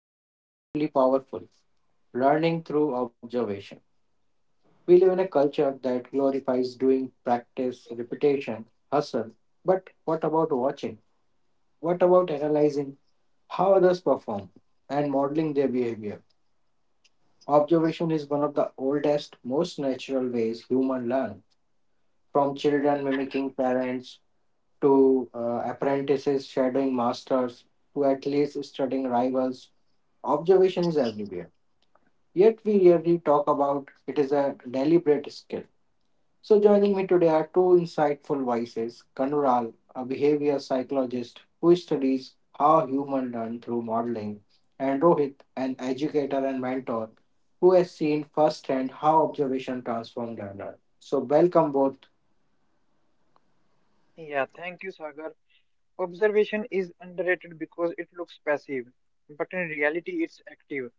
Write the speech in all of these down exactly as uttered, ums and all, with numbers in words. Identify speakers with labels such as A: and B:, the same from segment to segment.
A: but incredibly powerful learning through observation. We live in a culture that glorifies doing, practice, repetition, hustle. But what about watching? What about analyzing how others perform and modeling their behavior? Observation is one of the oldest, most natural ways humans learn, from children mimicking parents to uh, apprentices shadowing masters to athletes studying rivals. Observation is everywhere. Yet we rarely talk about it is a deliberate skill. So, joining me today are two insightful voices: Kanural, a behavior psychologist who studies how humans learn through modeling, and Rohit, an educator and mentor who has seen firsthand how observation transforms learner. So, welcome both.
B: Yeah, thank you, Sagar. Observation is underrated because it looks passive, but in reality, it's active.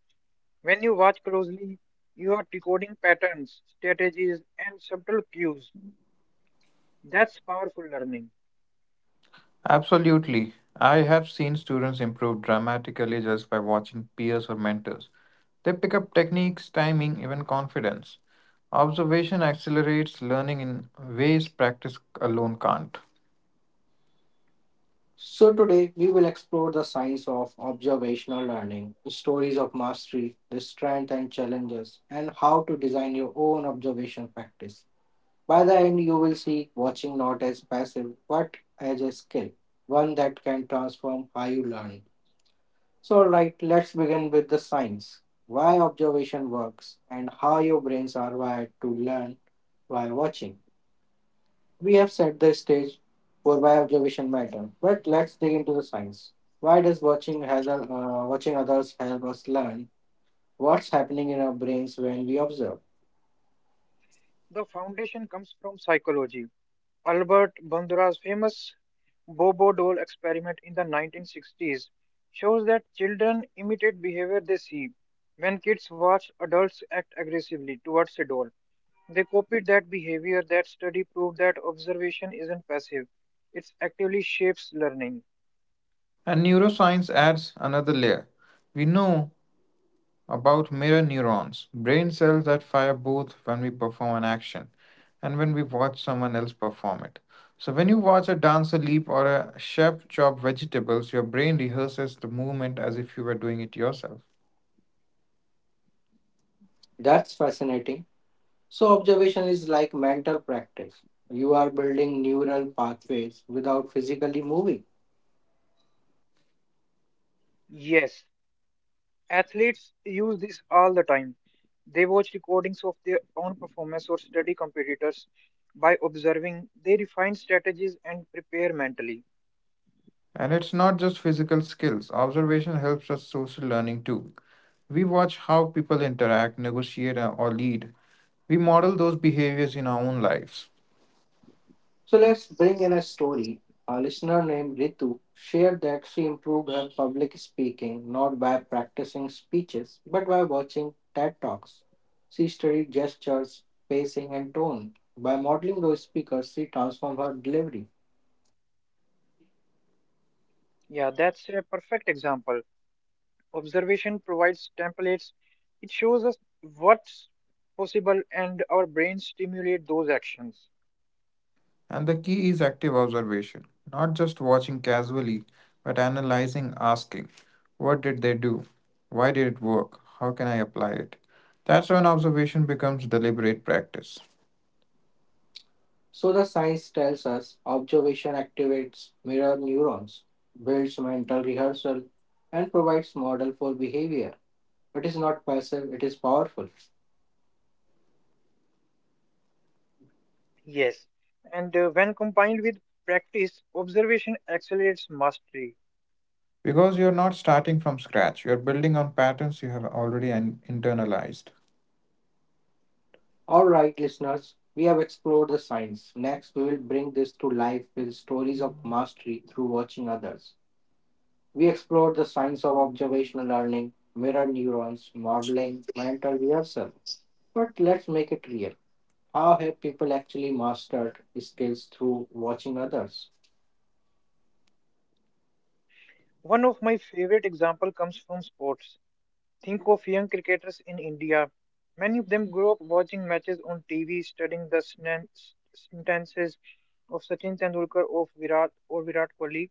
B: When you watch closely, you are decoding patterns, strategies, and subtle cues. That's powerful learning.
C: Absolutely. I have seen students improve dramatically just by watching peers or mentors. They pick up techniques, timing, even confidence. Observation accelerates learning in ways practice alone can't.
A: So, today we will explore the science of observational learning, stories of mastery, the strength and challenges, and how to design your own observation practice. By the end, you will see watching not as passive but as a skill, one that can transform how you learn. So, right, right, let's begin with the science, why observation works and how your brains are wired to learn by watching. We have set the stage for why observation matters, but let's dig into the science. Why does watching, other, uh, watching others help us learn, what's happening in our brains when we observe?
B: The foundation comes from psychology. Albert Bandura's famous Bobo doll experiment in the nineteen sixties shows that children imitate behavior they see. When kids watch adults act aggressively towards a doll, they copied that behavior. That study proved that observation isn't passive, it actively shapes learning.
C: And neuroscience adds another layer. We know about mirror neurons, brain cells that fire both when we perform an action and when we watch someone else perform it. So, when you watch a dancer leap or a chef chop vegetables, your brain rehearses the movement as if you were doing it yourself.
A: That's fascinating. So, observation is like mental practice. You are building neural pathways without physically moving.
B: Yes, athletes use this all the time. They watch recordings of their own performance or study competitors. By observing, they refine strategies and prepare mentally.
C: And it's not just physical skills, observation helps us social learning too. We watch how people interact, negotiate, or lead. We model those behaviors in our own lives.
A: So, let's bring in a story. A listener named Ritu shared that she improved her public speaking not by practicing speeches but by watching TED Talks. She studied gestures, pacing, and tone. By modeling those speakers, she transformed her delivery.
B: Yeah, that's a perfect example. Observation provides templates, it shows us what's possible, and our brains stimulate those actions.
C: And the key is active observation, not just watching casually, but analyzing, asking, what did they do? Why did it work? How can I apply it? That's when observation becomes deliberate practice.
A: So the science tells us observation activates mirror neurons, builds mental rehearsal, and provides model for behavior. It is not passive, it is powerful.
B: Yes, and uh, when combined with practice, observation accelerates mastery.
C: Because you're not starting from scratch, you're building on patterns you have already in- internalized.
A: All right, listeners, we have explored the science. Next, we will bring this to life with stories of mastery through watching others. We explored the science of observational learning, mirror neurons, modeling, mental rehearsal. But let's make it real. How have people actually mastered skills through watching others?
B: One of my favorite example comes from sports. Think of young cricketers in India. Many of them grew up watching matches on T V, studying the snan- s- sentences of Sachin Tendulkar, of Virat or Virat Kohli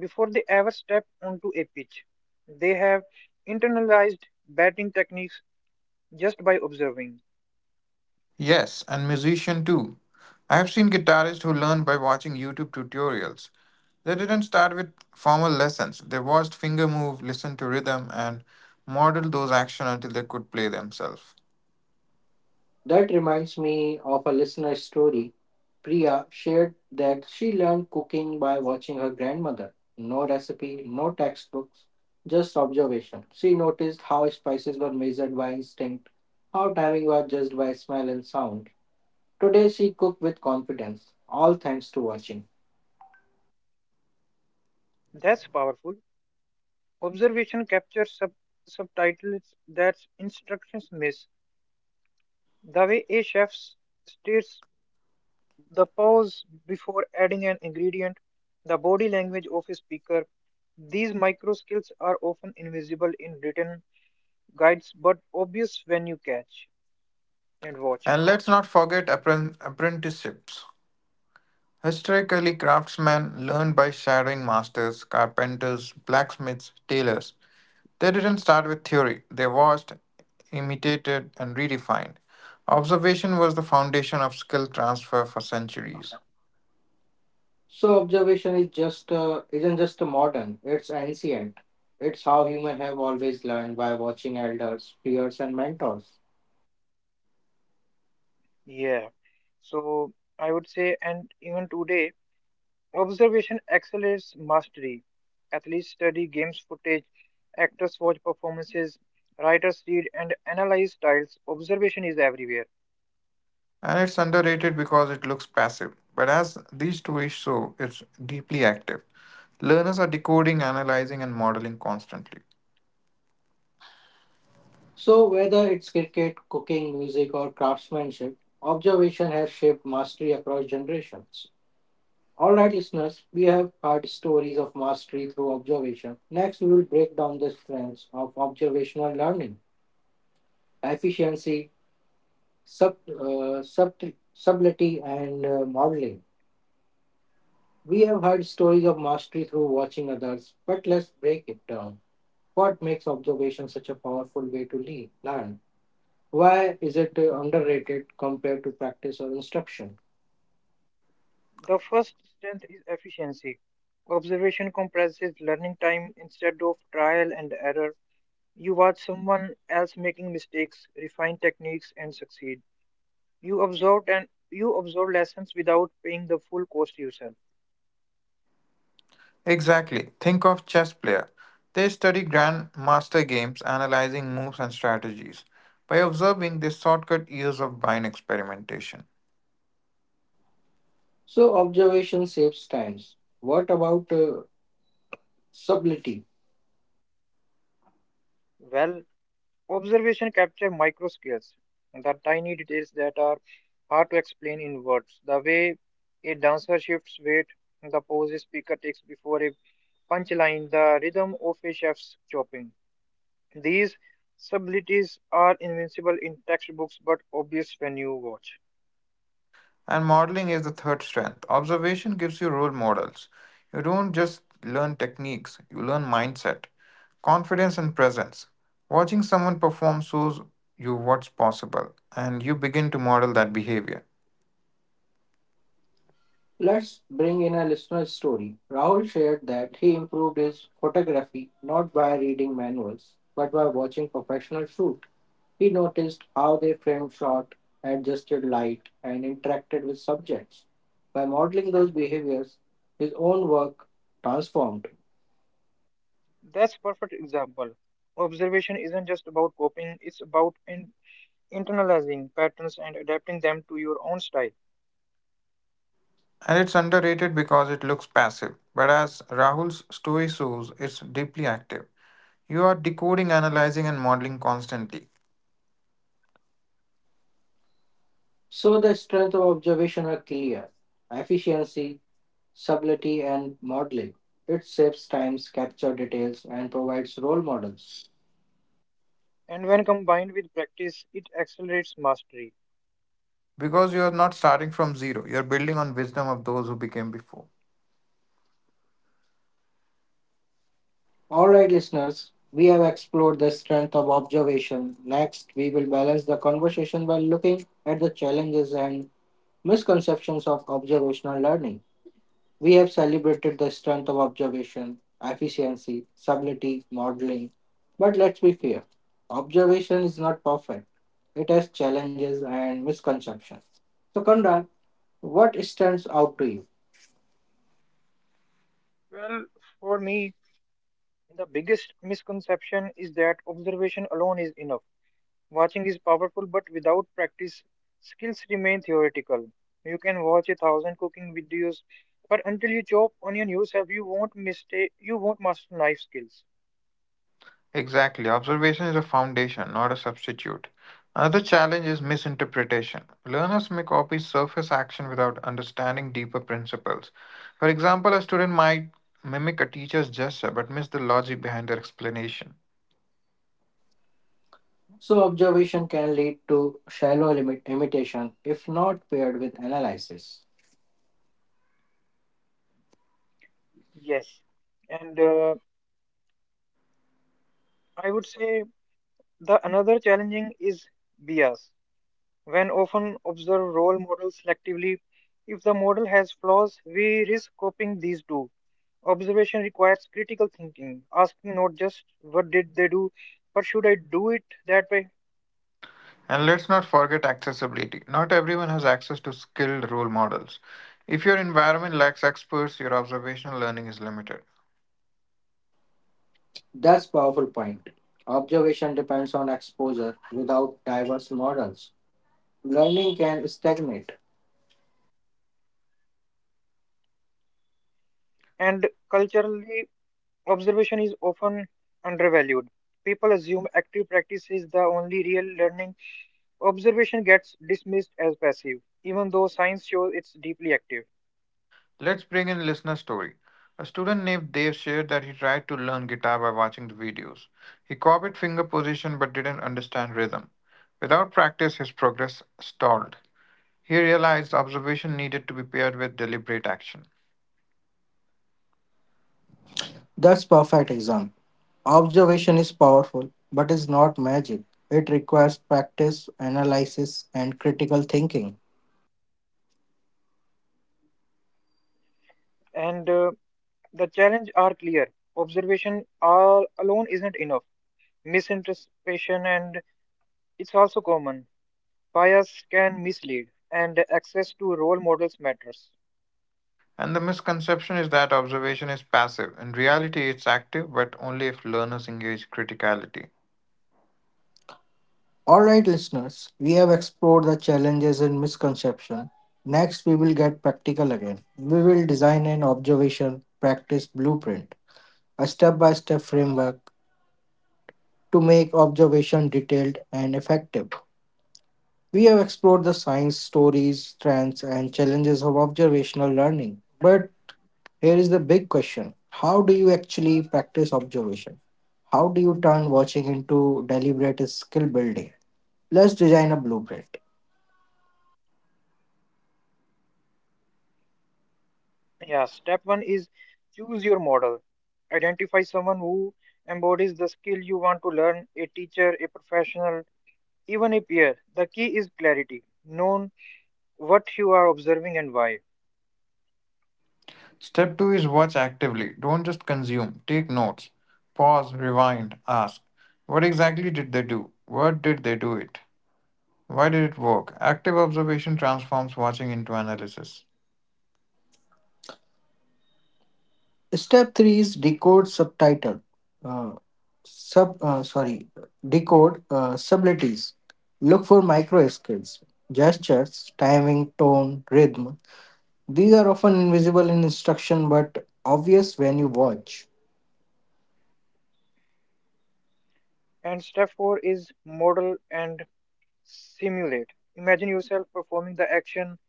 B: before they ever step onto a pitch. They have internalized batting techniques just by observing.
C: Yes, and musician too. I have seen guitarists who learned by watching YouTube tutorials. They didn't start with formal lessons. They watched finger move, listened to rhythm, and modeled those actions until they could play themselves.
A: That reminds me of a listener story. Priya shared that she learned cooking by watching her grandmother. No recipe, no textbooks, just observation. She noticed how spices were measured by instinct, how timing was judged by smell and sound. Today she cooked with confidence, all thanks to watching.
B: That's powerful. Observation captures sub- subtitles that instructions miss. The way a chef states the pause before adding an ingredient, the body language of a speaker. These micro skills are often invisible in written guides but obvious when you catch and watch.
C: And let's not forget appren- apprenticeships. Historically, craftsmen learned by shadowing masters, carpenters, blacksmiths, tailors. They didn't start with theory, they watched, imitated, and redefined. Observation was the foundation of skill transfer for centuries.
A: So observation is just uh, isn't just a modern, it's ancient. It's how humans have always learned by watching elders, peers and mentors.
B: Yeah. So I would say, and even today, observation accelerates mastery. Athletes study games footage, actors watch performances, writers read and analyze styles. Observation is everywhere.
C: And it's underrated because it looks passive, but as these stories show, it's deeply active. Learners are decoding, analyzing, and modeling constantly.
A: So, whether it's cricket, cooking, music, or craftsmanship, observation has shaped mastery across generations. All right, listeners, we have heard stories of mastery through observation. Next, we will break down the strengths of observational learning: efficiency, sub, uh, subtle- subtlety, and uh, modeling. We have heard stories of mastery through watching others, but let's break it down. What makes observation such a powerful way to le- learn? Why is it uh, underrated compared to practice or instruction?
B: The first strength is efficiency. Observation compresses learning time instead of trial and error. You watch someone else making mistakes, refine techniques, and succeed. You absorb and you absorb lessons without paying the full cost yourself.
C: Exactly. Think of chess player. They study grandmaster games, analyzing moves and strategies. By observing, they shortcut years of blind experimentation.
A: So, observation saves times. What about uh, subtlety?
B: Well, observation capture micro scales, the tiny details that are hard to explain in words. The way a dancer shifts weight, the pose a speaker takes before a punchline, the rhythm of a chef's chopping. These subtleties are invincible in textbooks but obvious when you watch.
C: And modeling is the third strength. Observation gives you role models. You don't just learn techniques, you learn mindset, confidence, and presence. Watching someone perform shows you what's possible, and you begin to model that behavior.
A: Let's bring in a listener's story. Rahul shared that he improved his photography not by reading manuals, but by watching professional shoot. He noticed how they framed shot, adjusted light, and interacted with subjects. By modeling those behaviors, his own work transformed.
B: That's perfect example. Observation isn't just about copying; it's about in- internalizing patterns and adapting them to your own style.
C: And it's underrated because it looks passive, but as Rahul's story shows, it's deeply active. You are decoding, analyzing, and modeling constantly
A: So the strength of observation are clear: efficiency, subtlety, and modeling. It saves times, captures details, and provides role models.
B: And when combined with practice, it accelerates mastery.
C: because you are not starting from zero, you are building on wisdom of those who became before.
A: All right, listeners, we have explored the strength of observation. Next, we will balance the conversation by looking at the challenges and misconceptions of observational learning. We have celebrated the strength of observation: efficiency, subtlety, modeling. But let's be fair, observation is not perfect, it has challenges and misconceptions. So, Kondra, what stands out to you?
B: Well, for me, the biggest misconception is that observation alone is enough. Watching is powerful, but without practice, skills remain theoretical. You can watch a thousand cooking videos, but until you chop onion yourself, you won't mistake, you won't master knife skills.
C: Exactly. Observation is a foundation, not a substitute. Another challenge is misinterpretation. Learners may copy surface action without understanding deeper principles. For example, a student might mimic a teacher's gesture but miss the logic behind their explanation.
A: So, observation can lead to shallow limit imitation if not paired with analysis.
B: Yes, and uh, I would say the another challenging is bias. When often observe role models selectively, if the model has flaws, we risk copying these too. Observation requires critical thinking, asking not just what did they do, but should I do it that way?
C: And let's not forget accessibility. Not everyone has access to skilled role models. If your environment lacks experts, your observational learning is limited.
A: That's powerful point. Observation depends on exposure without diverse models. Learning can stagnate.
B: And culturally, observation is often undervalued. People assume active practice is the only real learning. Observation gets dismissed as passive, even though science shows it's deeply active.
C: Let's bring in listener story. A student named Dave shared that he tried to learn guitar by watching the videos. He copied finger position but didn't understand rhythm. Without practice, his progress stalled. He realized observation needed to be paired with deliberate action.
A: That's perfect example. Observation is powerful, but is not magic. It requires practice, analysis, and critical thinking.
B: And uh, the challenges are clear. Observation all alone isn't enough. Misinterpretation and it's also common, bias can mislead, and access to role models matters.
C: And the misconception is that observation is passive. In reality, it's active, but only if learners engage criticality.
A: All right, listeners, we have explored the challenges and misconception. Next, we will get practical again. We will design an observation practice blueprint, a step by step framework to make observation detailed and effective. We have explored the science, stories, trends, and challenges of observational learning. But here is the big question: how do you actually practice observation? How do you turn watching into deliberate skill building? Let's design a blueprint.
B: Yeah step one is choose your model, identify someone who embodies the skill you want to learn, a teacher, a professional, even a peer. The key is clarity, known what you are observing and why.
C: Step two is watch actively. Don't just consume, take notes. Pause, rewind, ask. What exactly did they do? What did they do it? Why did it work? Active observation transforms watching into analysis.
A: Step three is decode subtitle. Uh, sub uh, sorry Decode uh, subtleties. Look for micro skills: gestures, timing, tone, rhythm. These are often invisible in instruction but obvious when you watch.
B: And step four is model and simulate. Imagine yourself performing the action.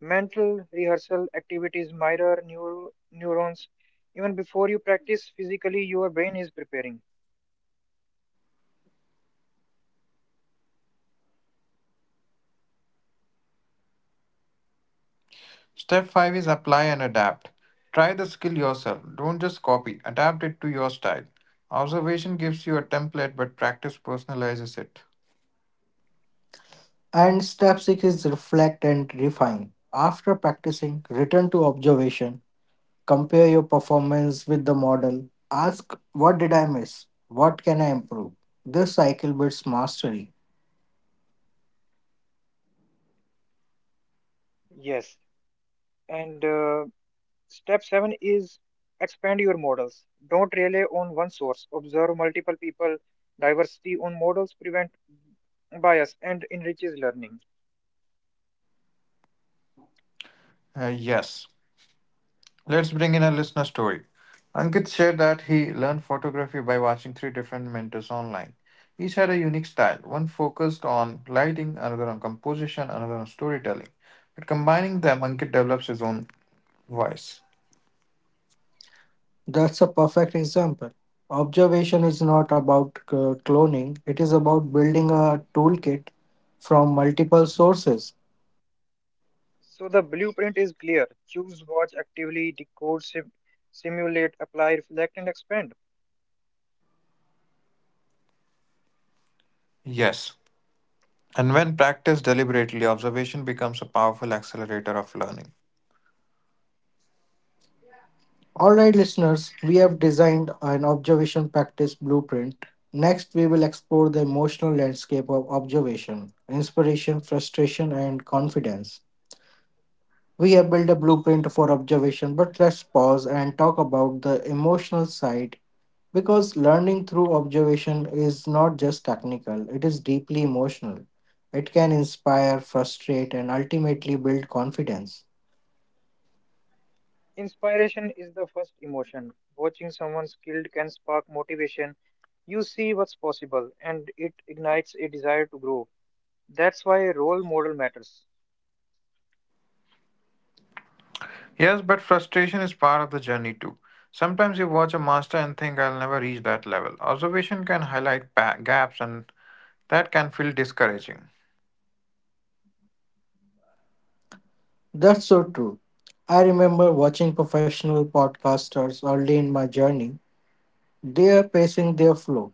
B: Mental rehearsal activities mirror neur- neurons. Even before you practice physically, your brain is preparing.
C: Step five is apply and adapt. Try the skill yourself. Don't just copy, adapt it to your style. Observation gives you a template, but practice personalizes it.
A: And step six is reflect and refine. After practicing, return to observation, compare your performance with the model, ask what did I miss? What can I improve? This cycle builds mastery.
B: Yes. And uh, step seven is expand your models. Don't rely on one source. Observe multiple people. Diversity on models prevent bias and enriches learning.
C: Uh, yes. Let's bring in a listener story. Ankit shared that he learned photography by watching three different mentors online. Each had a unique style. One focused on lighting, another on composition, another on storytelling. But combining them, Ankit develops his own voice.
A: That's a perfect example. Observation is not about uh, cloning, it is about building a toolkit from multiple sources.
B: So the blueprint is clear. Choose, watch actively, decode, sim- simulate, apply, reflect, and expand.
C: Yes. And when practiced deliberately, observation becomes a powerful accelerator of learning.
A: Alright, listeners, we have designed an observation practice blueprint. Next, we will explore the emotional landscape of observation: inspiration, frustration, and confidence. We have built a blueprint for observation, but let's pause and talk about the emotional side because learning through observation is not just technical, it is deeply emotional. It can inspire, frustrate, and ultimately build confidence.
B: Inspiration is the first emotion. Watching someone skilled can spark motivation. You see what's possible and it ignites a desire to grow. That's why a role model matters.
C: Yes, but frustration is part of the journey too. Sometimes you watch a master and think, I'll never reach that level. Observation can highlight pa- gaps, and that can feel discouraging.
A: That's so true. I remember watching professional podcasters early in my journey. They are pacing their flow.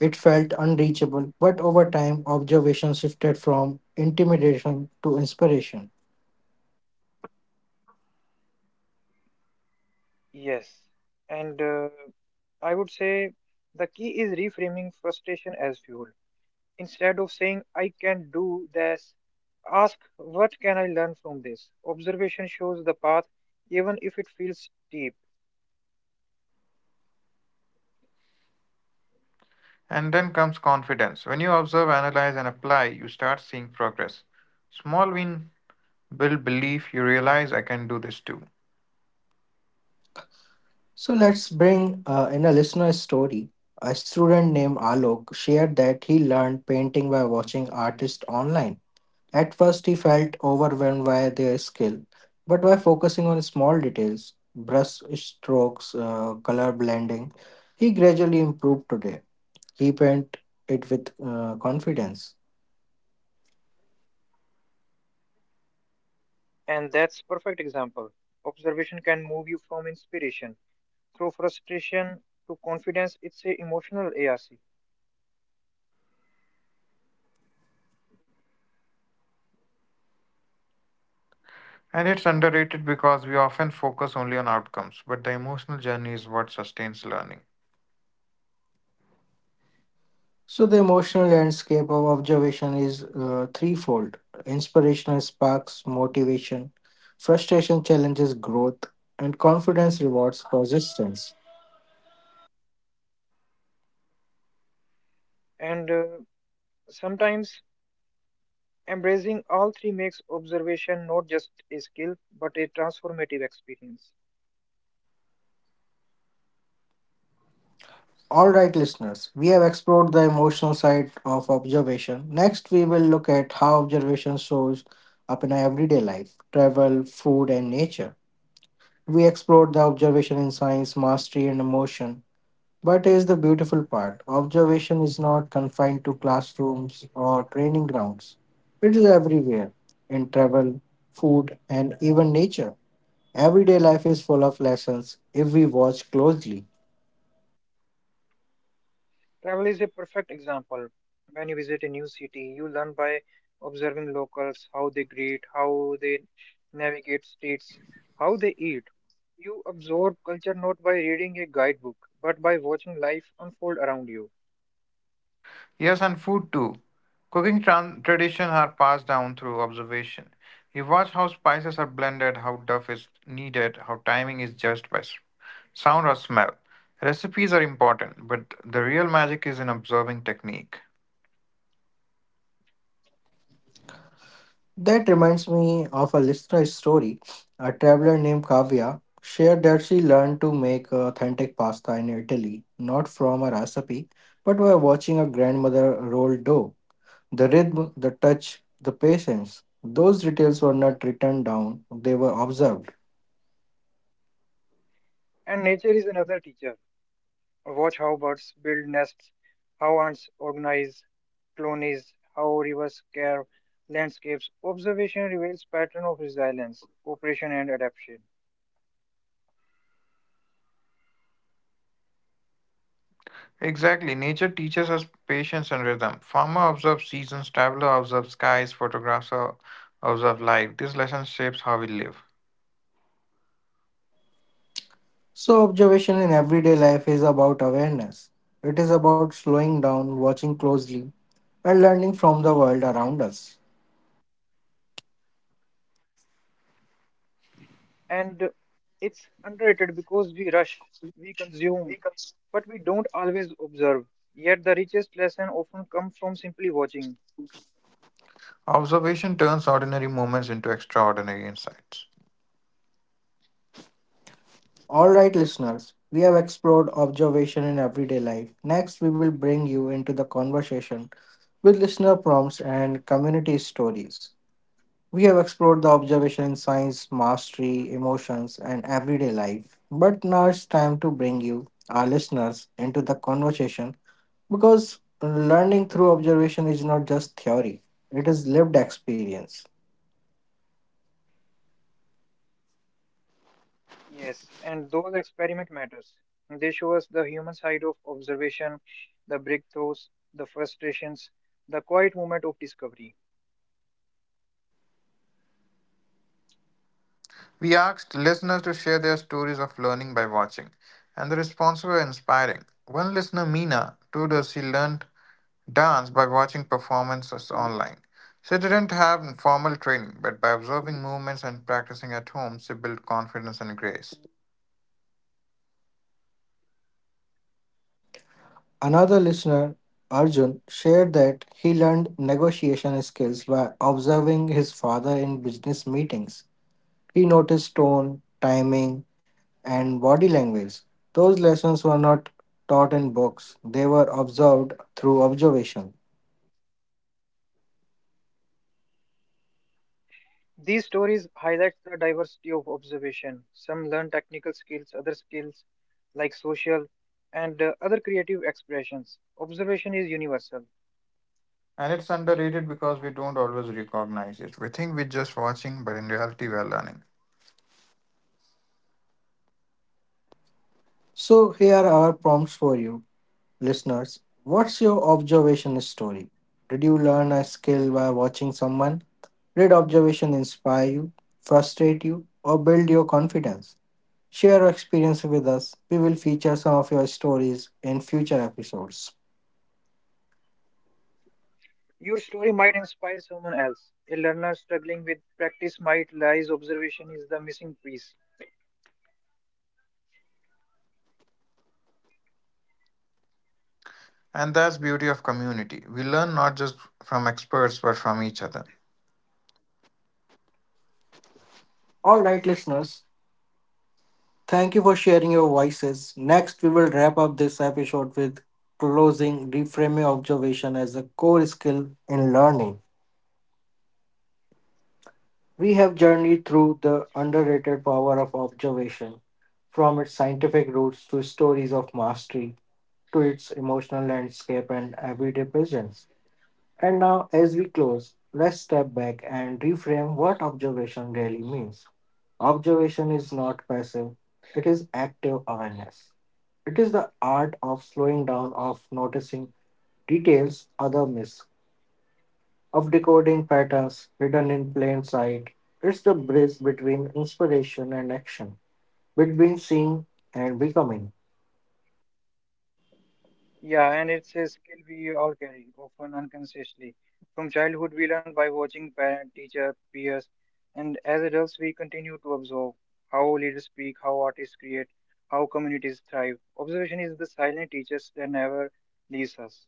A: It felt unreachable, but over time, observation shifted from intimidation to inspiration.
B: Yes. And uh, I would say the key is reframing frustration as fuel. Instead of saying, I can do this, ask, what can I learn from this? Observation shows the path, even if it feels steep.
C: And then comes confidence. When you observe, analyze, and apply, you start seeing progress. Small win build belief, you realize I can do this too.
A: So let's bring uh, in a listener story. A student named Alok shared that he learned painting by watching artists online. At first, he felt overwhelmed by their skill, but by focusing on small details, brush strokes, uh, color blending, he gradually improved today. He painted it with uh, confidence.
B: And that's perfect example. Observation can move you from inspiration through frustration to confidence. It's a emotional arc.
C: And it's underrated because we often focus only on outcomes, but the emotional journey is what sustains learning.
A: So, the emotional landscape of observation is uh, threefold: inspirational sparks, motivation, frustration challenges growth, and confidence rewards persistence.
B: And uh, sometimes embracing all three makes observation not just a skill but a transformative experience.
A: All right, listeners, we have explored the emotional side of observation. Next, we will look at how observation shows up in our everyday life: travel, food, and nature. We explored the observation in science, mastery, and emotion. But here's the beautiful part, observation is not confined to classrooms or training grounds, it is everywhere: in travel, food, and even nature. Everyday life is full of lessons if we watch closely.
B: Travel is a perfect example. When you visit a new city, you learn by observing locals, how they greet, how they navigate streets, how they eat. You absorb culture not by reading a guidebook, but by watching life unfold around you.
C: Yes, and food too. Cooking tran- traditions are passed down through observation. You watch how spices are blended, how duff is needed, how timing is judged by s- sound or smell. Recipes are important, but the real magic is in observing technique.
A: That reminds me of a listener story. A traveler named Kavya shared that she learned to make authentic pasta in Italy, not from a recipe, but by watching her grandmother roll dough. The rhythm, the touch, the patience. Those details were not written down, they were observed.
B: And nature is another teacher. Watch how birds build nests, how ants organize colonies, how rivers carve landscapes. Observation reveals pattern of resilience, cooperation, and adaptation.
C: Exactly, nature teaches us patience and rhythm. Farmer observes seasons, traveler observes skies, photographer observes light. This lesson shapes how we live.
A: So, observation in everyday life is about awareness. It is about slowing down, watching closely, and learning from the world around us.
B: And it's underrated because we rush, we consume, but we don't always observe. Yet the richest lesson often comes from simply watching.
C: Observation turns ordinary moments into extraordinary insights.
A: All right, listeners, we have explored observation in everyday life. Next, we will bring you into the conversation with listener prompts and community stories. We have explored the observation in science, mastery, emotions, and everyday life. But now it's time to bring you, our listeners, into the conversation because learning through observation is not just theory, it is lived experience.
B: Yes, and those experiment matters. They show us the human side of observation, the breakthroughs, the frustrations, the quiet moment of discovery.
C: We asked listeners to share their stories of learning by watching, and the responses were inspiring. One listener, Mina, told us she learned dance by watching performances online. She didn't have formal training, but by observing movements and practicing at home, she built confidence and grace.
A: Another listener, Arjun, shared that he learned negotiation skills by observing his father in business meetings. He noticed tone, timing, and body language. Those lessons were not taught in books, they were observed through observation.
B: These stories highlight the diversity of observation. Some learn technical skills, other skills like social and uh, other creative expressions. Observation is universal.
C: And it's underrated because we don't always recognize it. We think we're just watching, but in reality, we are learning.
A: So, here are our prompts for you, listeners. What's your observation story? Did you learn a skill by watching someone? Did observation inspire you, frustrate you, or build your confidence? Share your experience with us. We will feature some of your stories in future episodes.
B: Your story might inspire someone else. A learner struggling with practice might realize observation is the missing piece.
C: And that's beauty of community. We learn not just from experts, but from each other.
A: All right, listeners, thank you for sharing your voices. Next, we will wrap up this episode with closing, reframing observation as a core skill in learning. We have journeyed through the underrated power of observation, from its scientific roots to stories of mastery to its emotional landscape and everyday presence. And now, as we close, let's step back and reframe what observation really means. Observation is not passive, it is active awareness. It is the art of slowing down, of noticing details other miss, of decoding patterns hidden in plain sight. It's the bridge between inspiration and action, between seeing and becoming.
B: Yeah, and it's a skill we all carry, often unconsciously. From childhood, we learn by watching parent, teacher, peers, and as adults, we continue to observe how leaders speak, how artists create, how communities thrive. Observation is the silent teacher that never leaves us.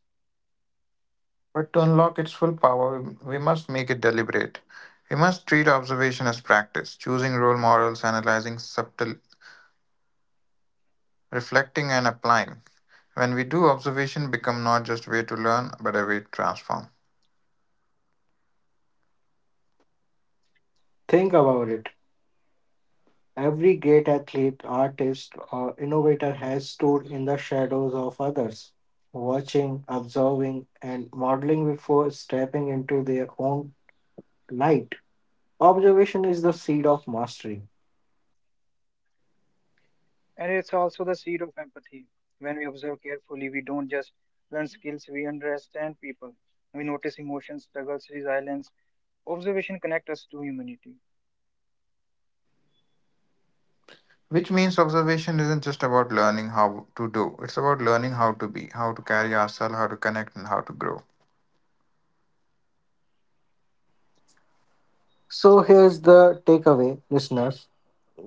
C: But to unlock its full power, we must make it deliberate. We must treat observation as practice, choosing role models, analyzing subtle, reflecting, and applying. When we do, observation become not just way to learn, but a way to transform.
A: Think about it. Every great athlete, artist, or innovator has stood in the shadows of others, watching, observing, and modeling before stepping into their own light. Observation is the seed of mastery.
B: And it's also the seed of empathy. When we observe carefully, we don't just learn skills, we understand people. We notice emotions, struggles, resilience. Observation connects us to humanity.
C: Which means observation isn't just about learning how to do. It's about learning how to be, how to carry ourselves, how to connect, and how to grow.
A: So, here's the takeaway, listeners.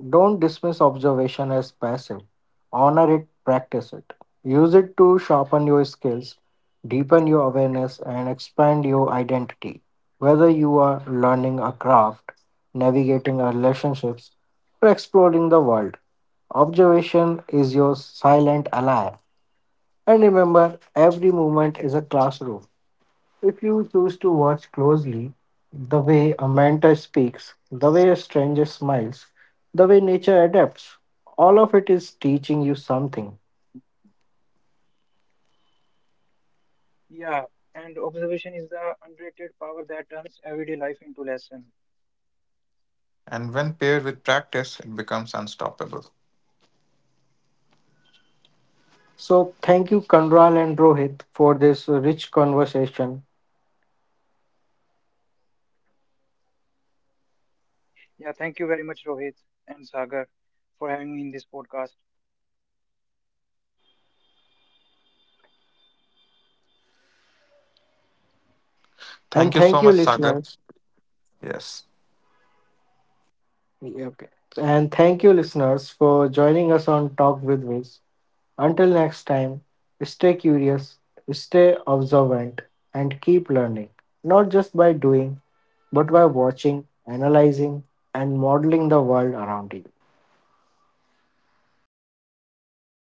A: Don't dismiss observation as passive. Honor it, practice it. Use it to sharpen your skills, deepen your awareness, and expand your identity. Whether you are learning a craft, navigating a relationships, or exploring the world, observation is your silent ally. And remember, every moment is a classroom. If you choose to watch closely, the way a mentor speaks, the way a stranger smiles, the way nature adapts, all of it is teaching you something.
B: Yeah, and observation is the underrated power that turns everyday life into lesson.
C: And when paired with practice, it becomes unstoppable.
A: So, thank you, Kanral and Rohit, for this rich conversation.
B: Yeah, thank you very much, Rohit and Sagar, for having me in this podcast.
C: Thank
A: And
C: you so
A: thank you,
C: much, Sagar.
A: listeners.
C: Yes.
A: Yeah, okay. And thank you, listeners, for joining us on Talk with Wiz. Until next time, stay curious, stay observant, and keep learning, not just by doing, but by watching, analyzing, and modeling the world around you.